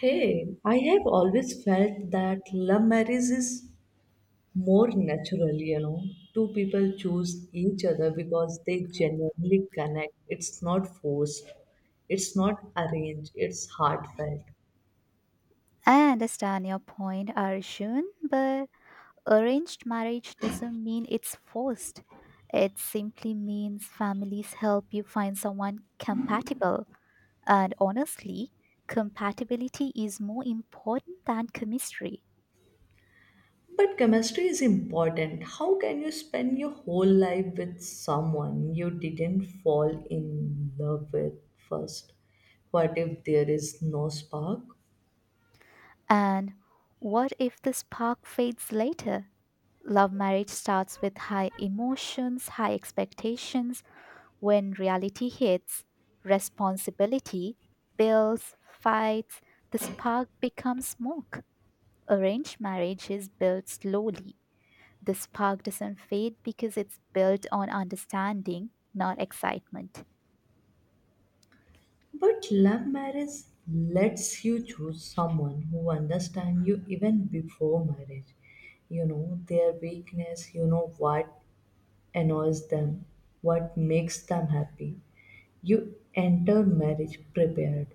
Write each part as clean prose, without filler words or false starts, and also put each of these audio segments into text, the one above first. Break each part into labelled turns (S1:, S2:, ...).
S1: Hey, I have always felt that love marriage is more natural, you know. Two people choose each other because they genuinely connect. It's not forced, it's not arranged, it's heartfelt.
S2: I understand your point, Arjun, but arranged marriage doesn't mean it's forced. It simply means families help you find someone compatible. And honestly, compatibility is more important than chemistry.
S1: But chemistry is important. How can you spend your whole life with someone you didn't fall in love with first? What if there is no spark?
S2: And what if the spark fades later? Love marriage starts with high emotions, high expectations. When reality hits, responsibility, bills, fights, the spark becomes smoke. Arranged marriage is built slowly. The spark doesn't fade because it's built on understanding, not excitement.
S1: But love marriage lets you choose someone who understands you even before marriage. You know their weakness, you know what annoys them, what makes them happy. You enter marriage prepared.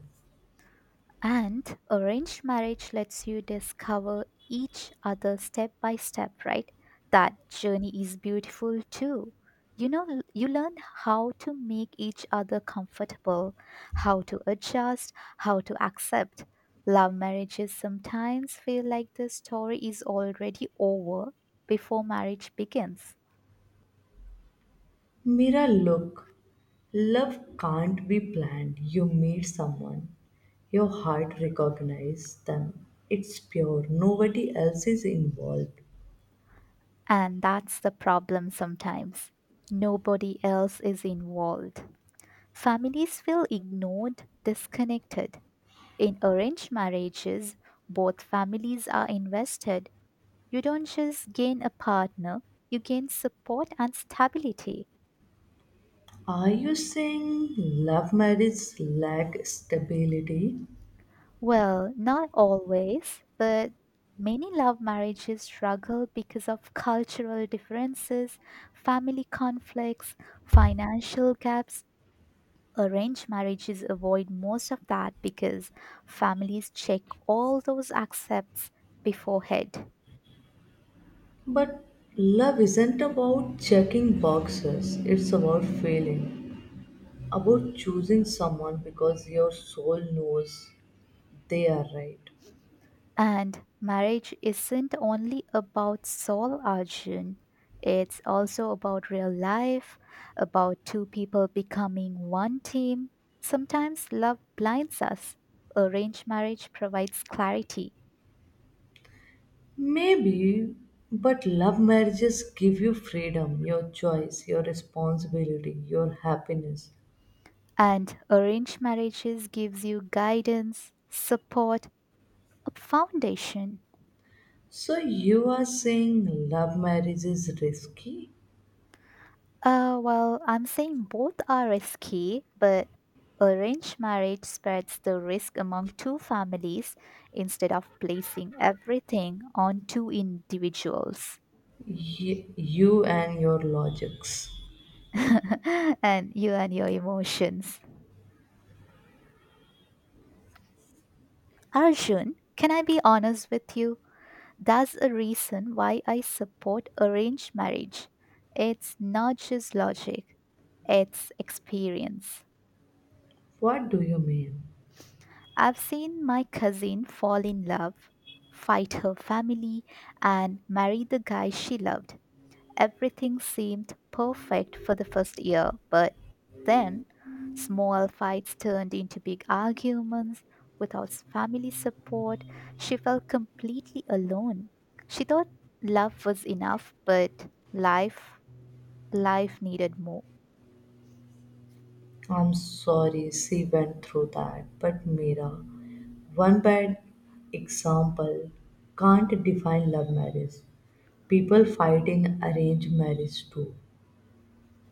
S2: And arranged marriage lets you discover each other step by step, right? That journey is beautiful too. You learn how to make each other comfortable, how to adjust, how to accept. Love marriages sometimes feel like the story is already over before marriage begins.
S1: Mira, look, love can't be planned. You meet someone, your heart recognizes them. It's pure, nobody else is involved.
S2: And that's the problem sometimes. Nobody else is involved. Families feel ignored, disconnected. In arranged marriages, both families are invested. You don't just gain a partner, you gain support and stability.
S1: Are you saying love marriage lack stability?
S2: Well, not always, but many love marriages struggle because of cultural differences, family conflicts, financial gaps. Arranged marriages avoid most of that because families check all those accepts beforehand.
S1: But love isn't about checking boxes, it's about feeling, about choosing someone because your soul knows they are right.
S2: And marriage isn't only about soul, Arjun. It's also about real life, about two people becoming one team. Sometimes love blinds us. Arranged marriage provides clarity,
S1: Maybe, but love marriages give you freedom, your choice, your responsibility, your happiness.
S2: and arranged marriages gives you guidance, support, a foundation.
S1: So you are saying love marriage is risky?
S2: Well, I'm saying both are risky, but arranged marriage spreads the risk among two families instead of placing everything on two individuals.
S1: You and your logics.
S2: And you and your emotions. Arjun, can I be honest with you? That's a reason why I support arranged marriage. It's not just logic, it's experience.
S1: What do you mean?
S2: I've seen my cousin fall in love, fight her family, and marry the guy she loved. Everything seemed perfect for the first year, but then small fights turned into big arguments. Without family support, she felt completely alone. She thought love was enough, but life needed more.
S1: I'm sorry she went through that, but Mira, one bad example can't define love marriage. People fight in arranged marriage too.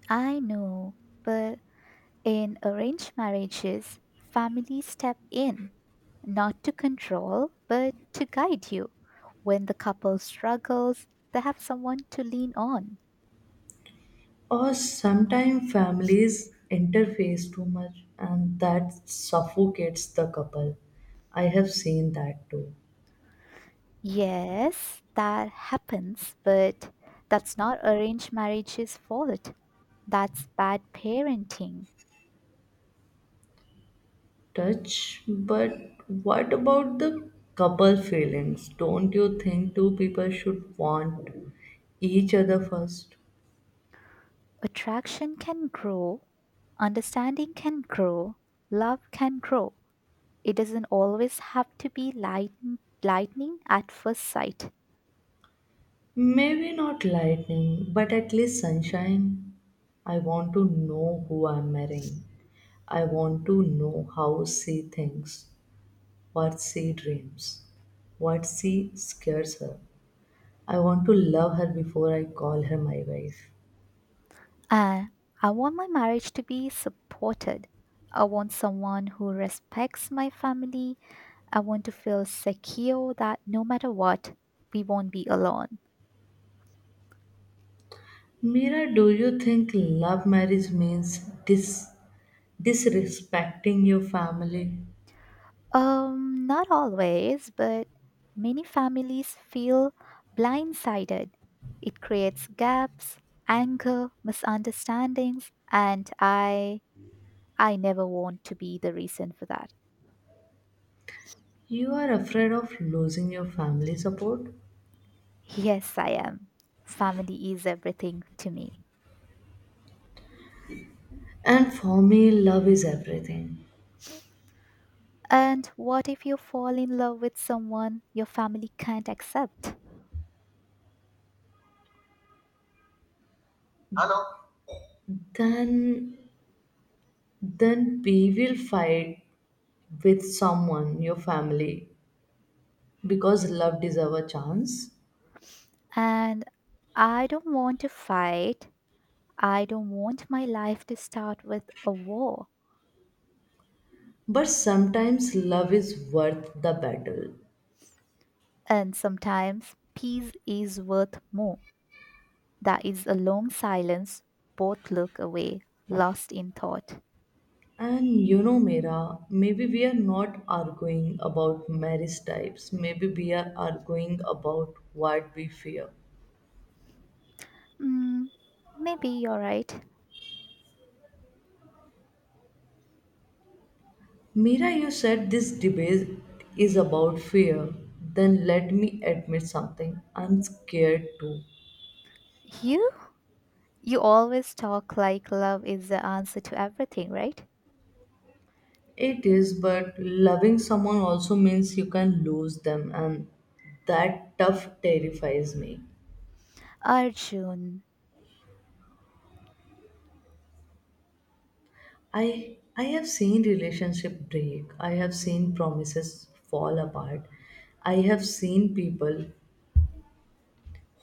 S2: I know, but in arranged marriages, families step in, not to control, but to guide you. When the couple struggles, they have someone to lean on.
S1: Or sometimes families interface too much and that suffocates the couple. I have seen that too.
S2: Yes, that happens, but that's not arranged marriage's fault. That's bad parenting.
S1: Touch, but what about the couple feelings? Don't you think two people should want each other first?
S2: Attraction can grow, understanding can grow, love can grow. It doesn't always have to be lightning at first sight.
S1: Maybe not lightning, but at least sunshine. I want to know who I'm marrying. I want to know how she thinks, what she dreams, what she scares her. I want to love her before I call her my wife.
S2: And I want my marriage to be supported. I want someone who respects my family. I want to feel secure that no matter what, we won't be alone.
S1: Mira, do you think love marriage means this, disrespecting your family?
S2: Not always, but many families feel blindsided. It creates gaps, anger, misunderstandings, and I never want to be the reason for that.
S1: You are afraid of losing your family support.
S2: Yes, I am. Family is everything to me.
S1: And for me, love is everything.
S2: And what if you fall in love with someone your family can't accept?
S1: Then, then we will fight with someone, your family, because love deserves a chance.
S2: And I don't want to fight. I don't want my life to start with a war.
S1: But sometimes love is worth the battle.
S2: And sometimes peace is worth more. That is a long silence. Both look away, lost in thought.
S1: And you know, Mira, maybe we are not arguing about marriage types. Maybe we are arguing about what we fear.
S2: Mm, maybe you're right.
S1: Mira, you said this debate is about fear. Then let me admit something. I'm scared too.
S2: You? You always talk like love is the answer to everything, right?
S1: It is, but loving someone also means you can lose them, and that tough terrifies me.
S2: Arjun,
S1: I have seen relationship break. I have seen promises fall apart. I have seen people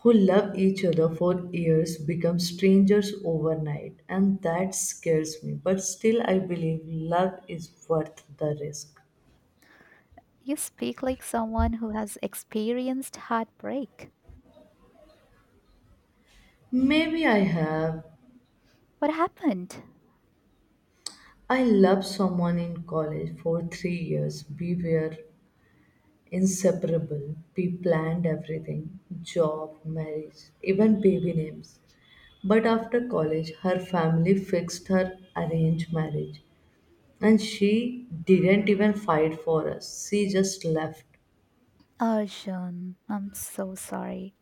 S1: who love each other for years become strangers overnight, and that scares me, but still I believe love is worth the risk.
S2: you speak like someone who has experienced heartbreak.
S1: Maybe I have.
S2: What happened?
S1: I loved someone in college for 3 years. We were inseparable. We planned everything, job, marriage, even baby names. But after college her family fixed her arranged marriage, and she didn't even fight for us. She just left.
S2: Arjun, I'm so sorry.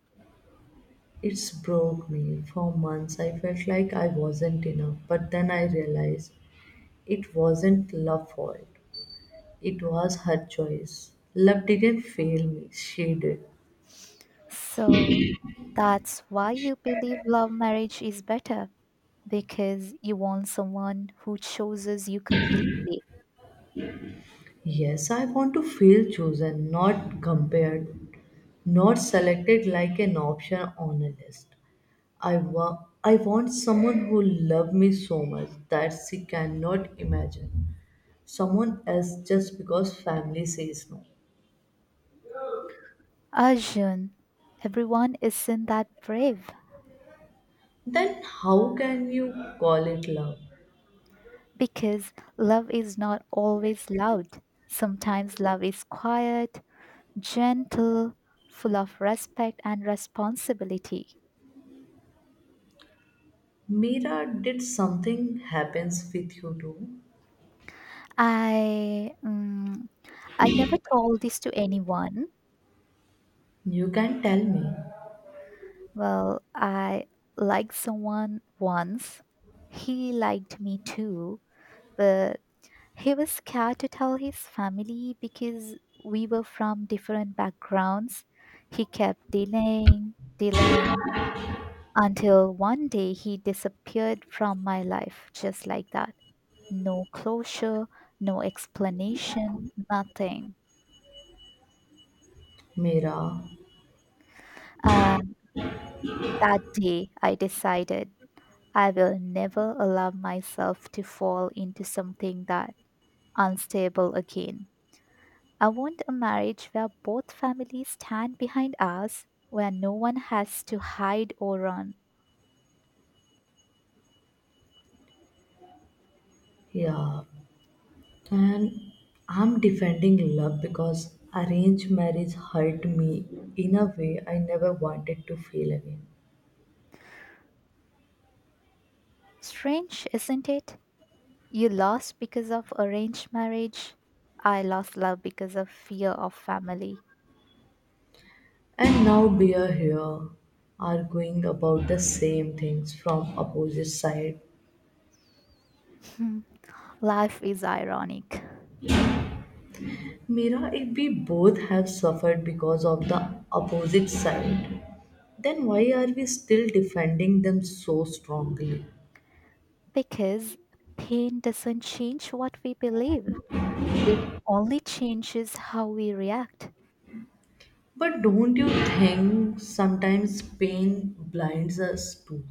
S1: It's broke me. For months, I felt like I wasn't enough, but then I realized it wasn't love's fault. It was her choice. Love didn't fail me, she did.
S2: So that's why you believe love marriage is better, because you want someone who chooses you completely.
S1: Yes, I want to feel chosen, not compared, not selected like an option on a list. I want someone who loves me so much that she cannot imagine. Someone else just because family says no.
S2: Arjun, everyone isn't that brave,
S1: Then how can you call it love?
S2: because love is not always loud. Sometimes love is quiet, gentle, full of respect and responsibility.
S1: Mira, did something happens with you too?
S2: I mm, I never told this to anyone.
S1: You can tell me.
S2: Well, I liked someone once. He liked me too, but he was scared to tell his family because we were from different backgrounds. He kept delaying until one day he disappeared from my life just like that. No closure, no explanation, nothing.
S1: Mira,
S2: Uh, That day, I decided I will never allow myself to fall into something that unstable again. I want a marriage where both families stand behind us, where no one has to hide or run.
S1: yeah. And I'm defending love because arranged marriage hurt me in a way I never wanted to feel again.
S2: Strange, isn't it? You lost because of arranged marriage. I lost love because of fear of family.
S1: And now we are here arguing about the same things from opposite side.
S2: Hmm. Life is ironic
S1: Mira, if we both have suffered because of the opposite side, then why are we still defending them so strongly?
S2: because pain doesn't change what we believe. It only changes how we react.
S1: But don't you think sometimes pain blinds us too?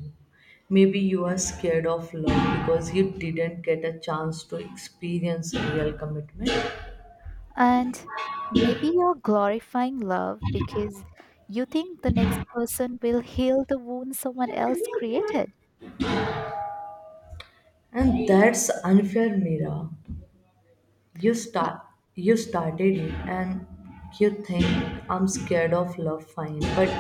S1: Maybe you are scared of love because you didn't get a chance to experience real commitment.
S2: And maybe you're glorifying love because you think the next person will heal the wound someone else created.
S1: And that's unfair, Mira. You
S2: Y-
S1: start you started it, and you think I'm scared of love, fine, but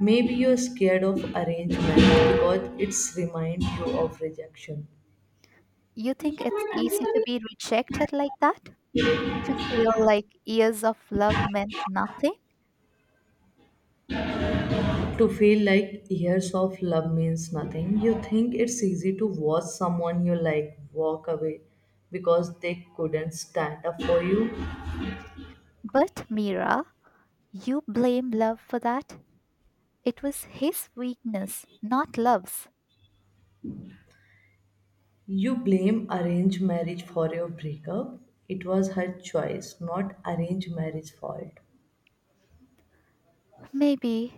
S1: maybe you're scared of arranged marriage because it's reminds you of rejection.
S2: You think it's easy to be rejected like that? To feel like years of love meant nothing?
S1: To feel like years of love means nothing, you think it's easy to watch someone you like walk away because they couldn't stand up for you?
S2: But Mira, you blame love for that. It was his weakness, not love's.
S1: You blame arranged marriage for your breakup. It was her choice, not arranged marriage fault.
S2: Maybe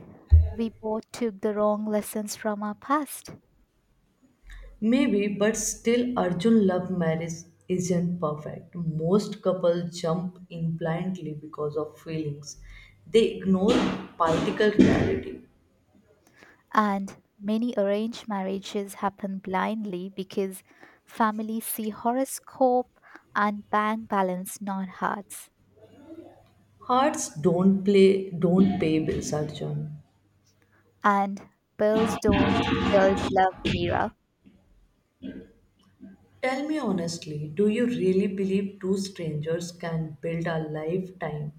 S2: we both took the wrong lessons from our past.
S1: Maybe, but still, Arjun, love marriage isn't perfect. Most couples jump in blindly because of feelings. They ignore practical reality.
S2: And many arranged marriages happen blindly because families see horoscope and bank balance, not hearts.
S1: Hearts don't play, don't pay bills, Arjun.
S2: And bills don't build love, Mira.
S1: Tell me honestly, do you really believe two strangers can build a lifetime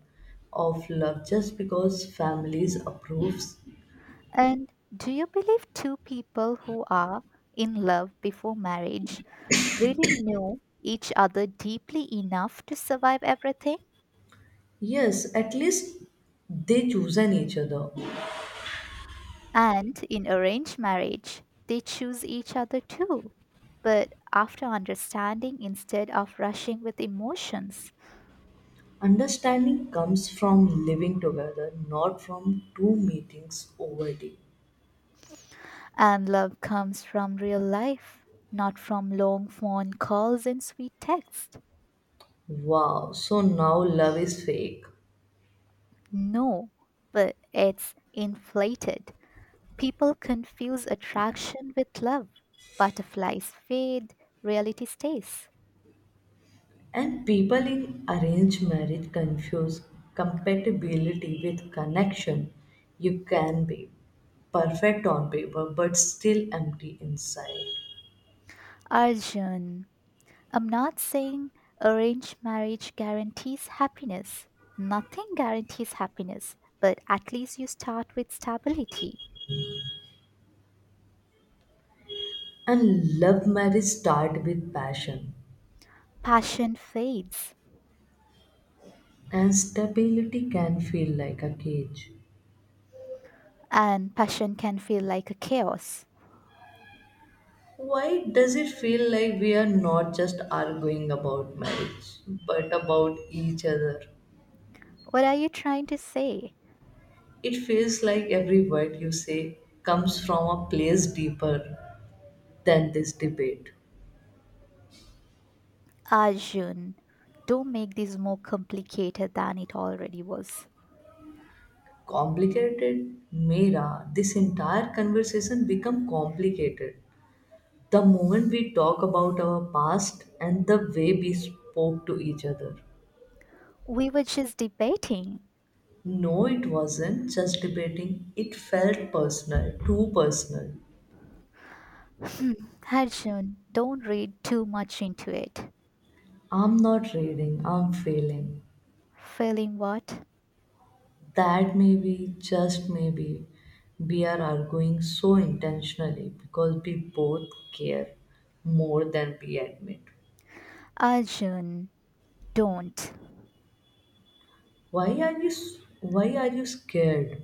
S1: of love just because families approves?
S2: And do you believe two people who are in love before marriage really know each other deeply enough to survive everything?
S1: Yes, at least they chosen each other.
S2: And in arranged marriage, they choose each other too, but after understanding instead of rushing with emotions.
S1: Understanding comes from living together, not from two meetings over tea.
S2: And love comes from real life, not from long phone calls and sweet texts.
S1: Wow, so now love is fake.
S2: No, but it's inflated. People confuse attraction with love. Butterflies fade, reality stays.
S1: And people in arranged marriage confuse compatibility with connection. You can be perfect on paper but still empty inside.
S2: Arjun, I'm not saying arranged marriage guarantees happiness. Nothing guarantees happiness, but at least you start with stability.
S1: And love marriage start with passion,
S2: Passion fades,
S1: and stability can feel like a cage.
S2: and passion can feel like a chaos.
S1: Why does it feel like we are not just arguing about marriage, but about each other?
S2: What are you trying to say?
S1: It feels like every word you say comes from a place deeper than this debate.
S2: Arjun, don't make this more complicated than it already was.
S1: Complicated? Mera, this entire conversation become complicated. The moment we talk about our past and the way we spoke to each other.
S2: We were just debating.
S1: No, it wasn't just debating. It felt personal, too personal.
S2: Hmm. Arjun, don't read too much into it.
S1: I'm not reading, I'm feeling.
S2: Feeling what?
S1: That maybe, just maybe, we are arguing so intentionally because we both care more than we admit.
S2: Arjun, don't.
S1: Why are you s- why are you scared?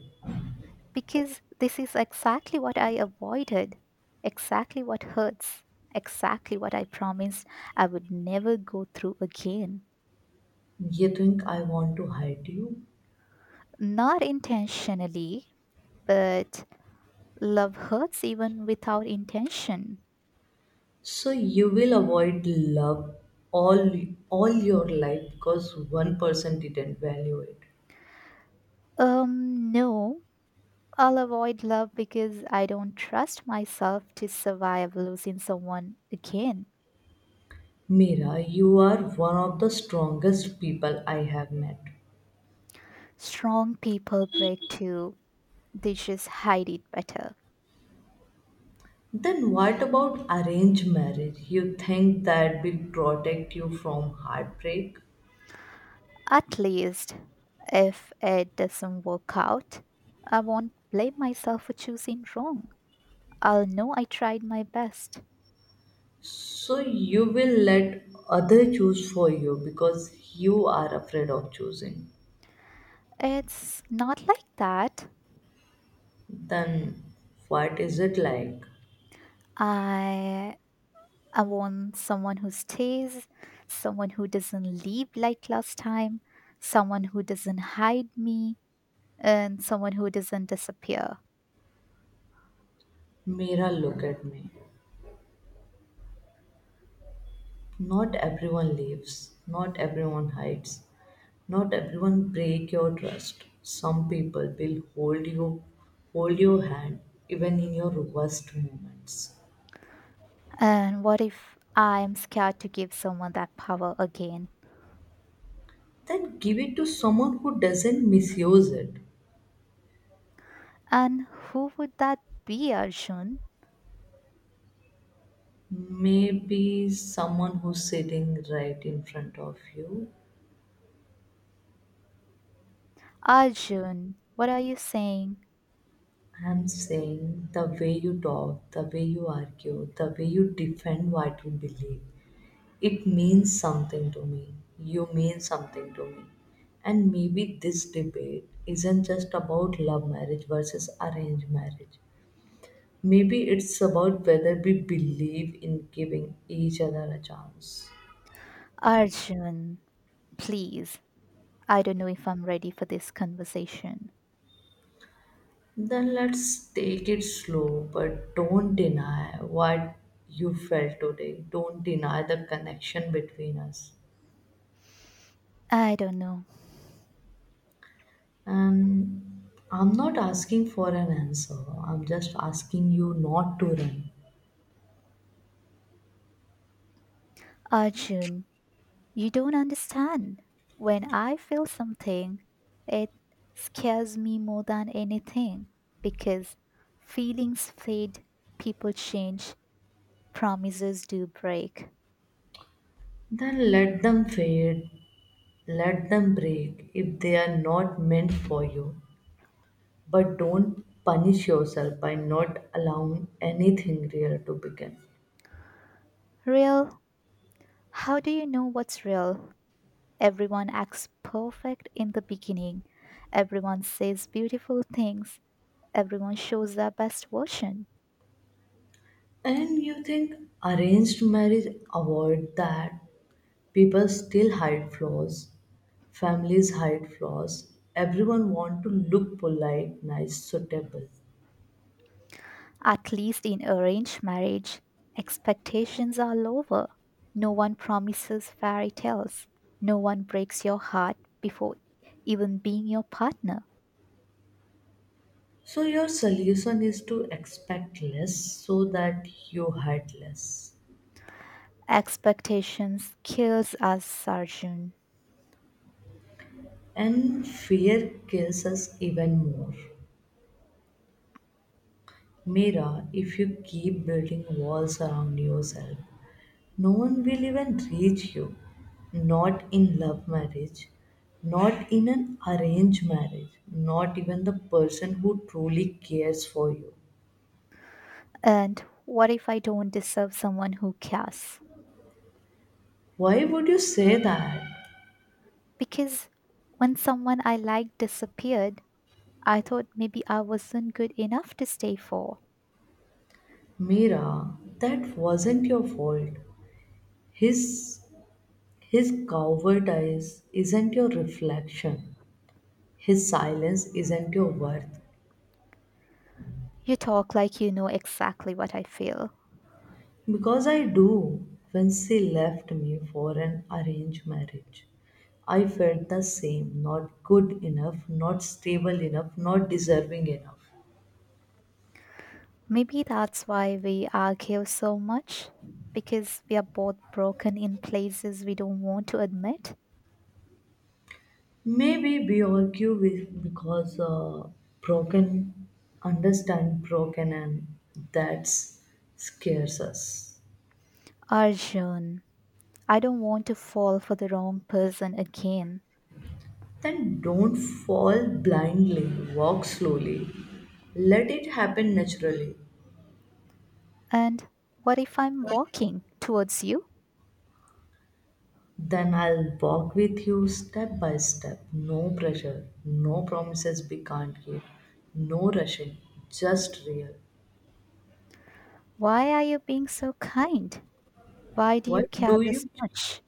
S2: Because this is exactly what I avoided, exactly what hurts, exactly what I promised I would never go through again.
S1: You think I want to hide you?
S2: Not intentionally, but love hurts even without intention.
S1: So you will avoid love all all your life because one person didn't value it.
S2: No, I'll avoid love because I don't trust myself to survive losing someone again.
S1: Mira, you are one of the strongest people I have met.
S2: Strong people break too, they just hide it better.
S1: Then what about arranged marriage? You think that will protect you from heartbreak?
S2: At least, if it doesn't work out, I won't blame myself for choosing wrong. I'll know I tried my best.
S1: So you will let other choose for you because you are afraid of choosing.
S2: It's not like that.
S1: Then what is it like?
S2: I I want someone who stays, someone who doesn't leave like last time, someone who doesn't hide me, and someone who doesn't disappear.
S1: Mira, look at me. Not everyone leaves. Not everyone hides. Not everyone break your trust. Some people will hold you, hold your hand even in your worst moments.
S2: And what if I'm scared to give someone that power again?
S1: Then give it to someone who doesn't misuse it.
S2: And who would that be, Arjun?
S1: Maybe someone who's sitting right in front of you.
S2: Arjun, what are you saying?
S1: I'm saying the way you talk, the way you argue, the way you defend what you believe, it means something to me. You mean something to me. And maybe this debate isn't just about love marriage versus arranged marriage. Maybe it's about whether we believe in giving each other a chance.
S2: Arjun, please. I don't know if I'm ready for this conversation.
S1: Then let's take it slow, but don't deny what you felt today. Don't deny the connection between us.
S2: I don't know.
S1: And I'm not asking for an answer, I'm just asking you not to run.
S2: Arjun, you don't understand. When I feel something, it scares me more than anything because feelings fade, people change, promises do break.
S1: Then let them fade, let them break if they are not meant for you. But don't punish yourself by not allowing anything real to begin.
S2: Real? How do you know what's real? Everyone acts perfect in the beginning. Everyone says beautiful things. Everyone shows their best version.
S1: And you think arranged marriage avoid that? People still hide flaws, families hide flaws, everyone want to look polite, nice, suitable.
S2: At least in arranged marriage, expectations are lower. No one promises fairy tales. No one breaks your heart before even being your partner.
S1: So your solution is to expect less so that you hide less.
S2: Expectations kills us, Sarjun.
S1: And fear kills us even more. Mira, if you keep building walls around yourself, no one will even reach you. Not in love marriage, not in an arranged marriage, not even the person who truly cares for you.
S2: And what if I don't deserve someone who cares?
S1: Why would you say that?
S2: Because when someone I liked disappeared, I thought maybe I wasn't good enough to stay for.
S1: Mira, that wasn't your fault. His his covert eyes isn't your reflection. His silence isn't your worth.
S2: You talk like you know exactly what I feel.
S1: Because I do. When she left me for an arranged marriage, I felt the same, not good enough, not stable enough, not deserving enough.
S2: Maybe that's why we argue so much, because we are both broken in places we don't want to admit.
S1: Maybe we argue with because broken understand broken, and that scares us.
S2: Arjun, I don't want to fall for the wrong person again.
S1: Then don't fall blindly, walk slowly, let it happen naturally.
S2: And what if I'm walking towards you?
S1: Then I'll walk with you step by step. No pressure, no promises we can't keep, no rushing, just real.
S2: Why are you being so kind? Why do
S1: Why
S2: you care
S1: do
S2: this
S1: you?
S2: much?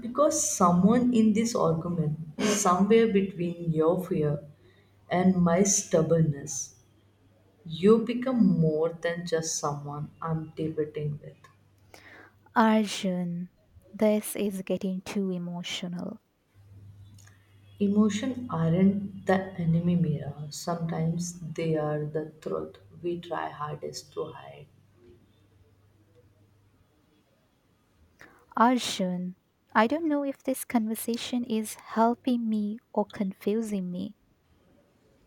S1: Because someone in this argument, somewhere between your fear and my stubbornness, you become more than just someone I'm debating with.
S2: Arjun, this is getting too emotional.
S1: Emotion aren't the enemy, Mira. Sometimes they are the truth we try hardest to hide.
S2: Arjun, I don't know if this conversation is helping me or confusing me.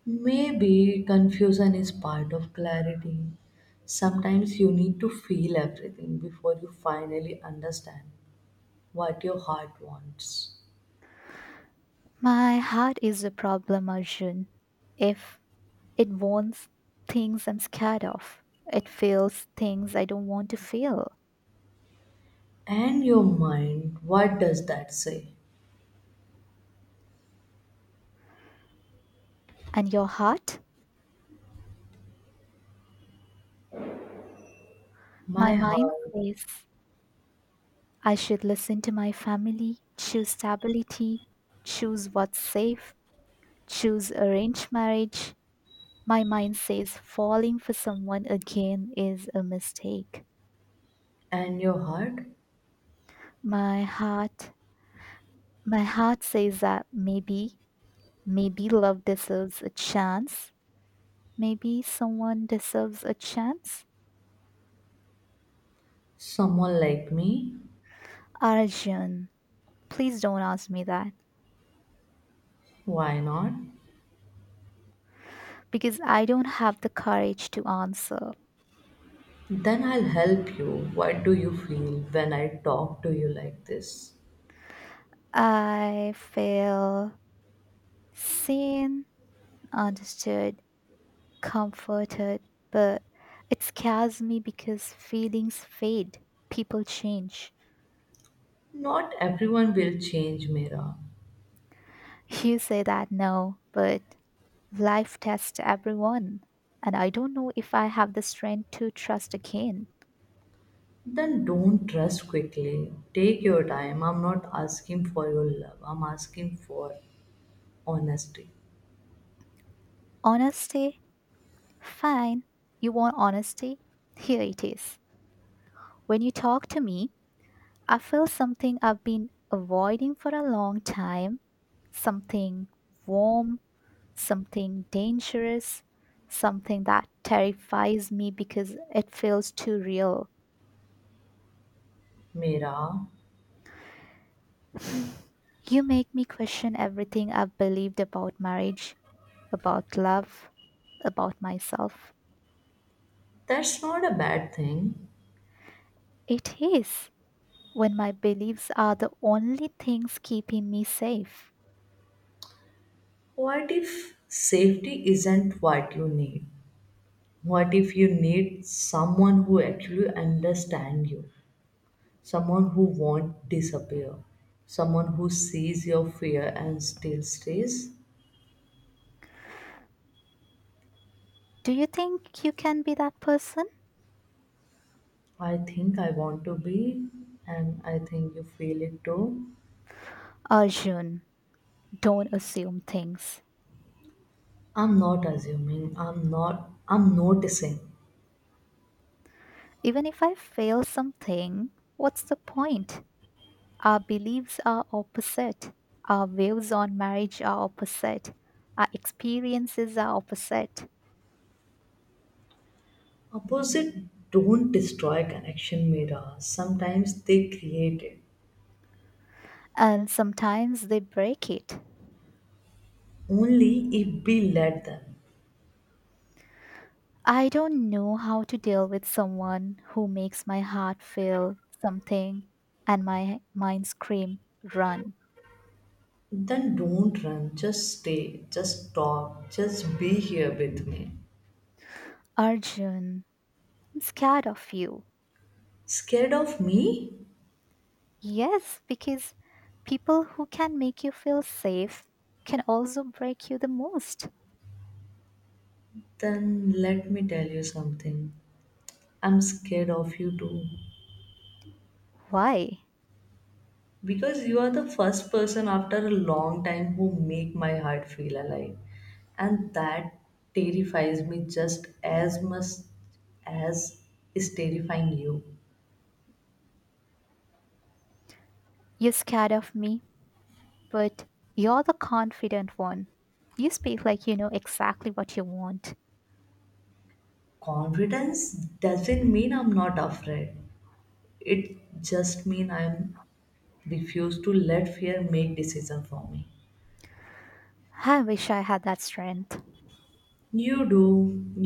S1: Maybe confusion is part of clarity. Sometimes you need to feel everything before you finally understand what your heart wants.
S2: My heart is the problem, Arjun. If it wants things I'm scared of, it feels things I don't want to feel.
S1: And your mind, what does that say?
S2: And your heart?
S1: My
S2: My mind
S1: heart
S2: says I should listen to my family, choose stability, choose what's safe, choose arranged marriage. My mind says falling for someone again is a mistake.
S1: and your heart?
S2: My heart, my heart says that maybe, maybe love deserves a chance. Maybe someone deserves a chance?
S1: Someone like me?
S2: Arjun, please don't ask me that,
S1: Why not?
S2: because I don't have the courage to answer.
S1: Then I'll help you. What do you feel when I talk to you like this?
S2: I feel seen, understood, comforted, but it scares me because feelings fade, people change.
S1: Not everyone will change, Mira.
S2: You say that now, but life tests everyone, and I don't know if I have the strength to trust again.
S1: Then don't rush quickly. Take your time. I'm not asking for your love. I'm asking for honesty.
S2: Honesty. Fine. You want honesty? Here it is. When you talk to me, I feel something I've been avoiding for a long time, something warm, something dangerous, something that terrifies me because it feels too real.
S1: Mira,
S2: You make me question everything I've believed about marriage, about love, about myself.
S1: that's not a bad thing.
S2: It is, when my beliefs are the only things keeping me safe.
S1: What if safety isn't what you need? What if you need someone who actually understands you? Someone who won't disappear? Someone who sees your fear and still stays?
S2: Do you think you can be that person?
S1: I think I want to be, and I think you feel it too.
S2: Arjun, don't assume things.
S1: I'm not assuming, I'm not, I'm noticing.
S2: Even if I fail something, what's the point? Our beliefs are opposite. Our views on marriage are opposite. Our experiences are opposite.
S1: Opposite don't destroy connection mirrors, sometimes they create it.
S2: And sometimes they break it.
S1: Only if we let them.
S2: I don't know how to deal with someone who makes my heart feel something and my mind scream, run.
S1: Then don't run, just stay, just talk, just be here with me.
S2: Arjun, I'm scared of you.
S1: Scared of me?
S2: Yes, because people who can make you feel safe can also break you the most.
S1: Then let me tell you something. I'm scared of you too.
S2: Why?
S1: Because you are the first person after a long time who make my heart feel alive, and that terrifies me just as much as is terrifying you.
S2: You're scared of me, but you're the confident one. You speak like you know exactly what you want.
S1: Confidence doesn't mean I'm not afraid, it just mean I'm refuse to let fear make decision for me.
S2: I wish I had that strength.
S1: You do,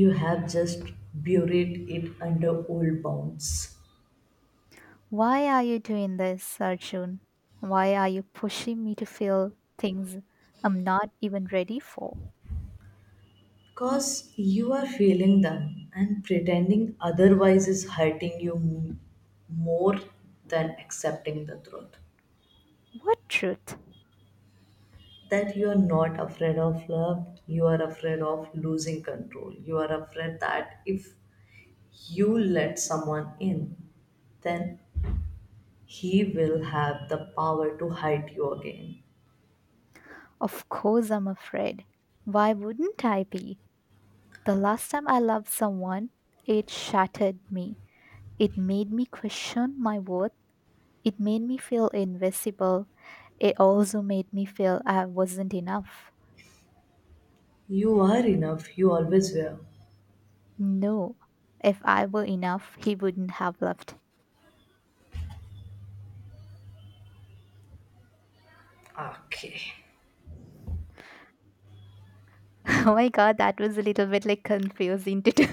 S1: you have just buried it under old bones.
S2: Why are you doing this, Arjun? Why are you pushing me to feel things I'm not even ready for?
S1: Because you are feeling them, and pretending otherwise is hurting you more than accepting the truth.
S2: What truth?
S1: That you are not afraid of love, you are afraid of losing control. You are afraid that if you let someone in, then he will have the power to hurt you again.
S2: Of course I'm afraid. Why wouldn't I be? The last time I loved someone, it shattered me. It made me question my worth. It made me feel invisible. It also made me feel I wasn't enough.
S1: You are enough, you always were.
S2: No, if I were enough, he wouldn't have left.
S1: Okay.
S2: Oh my god, that was a little bit like confusing to do.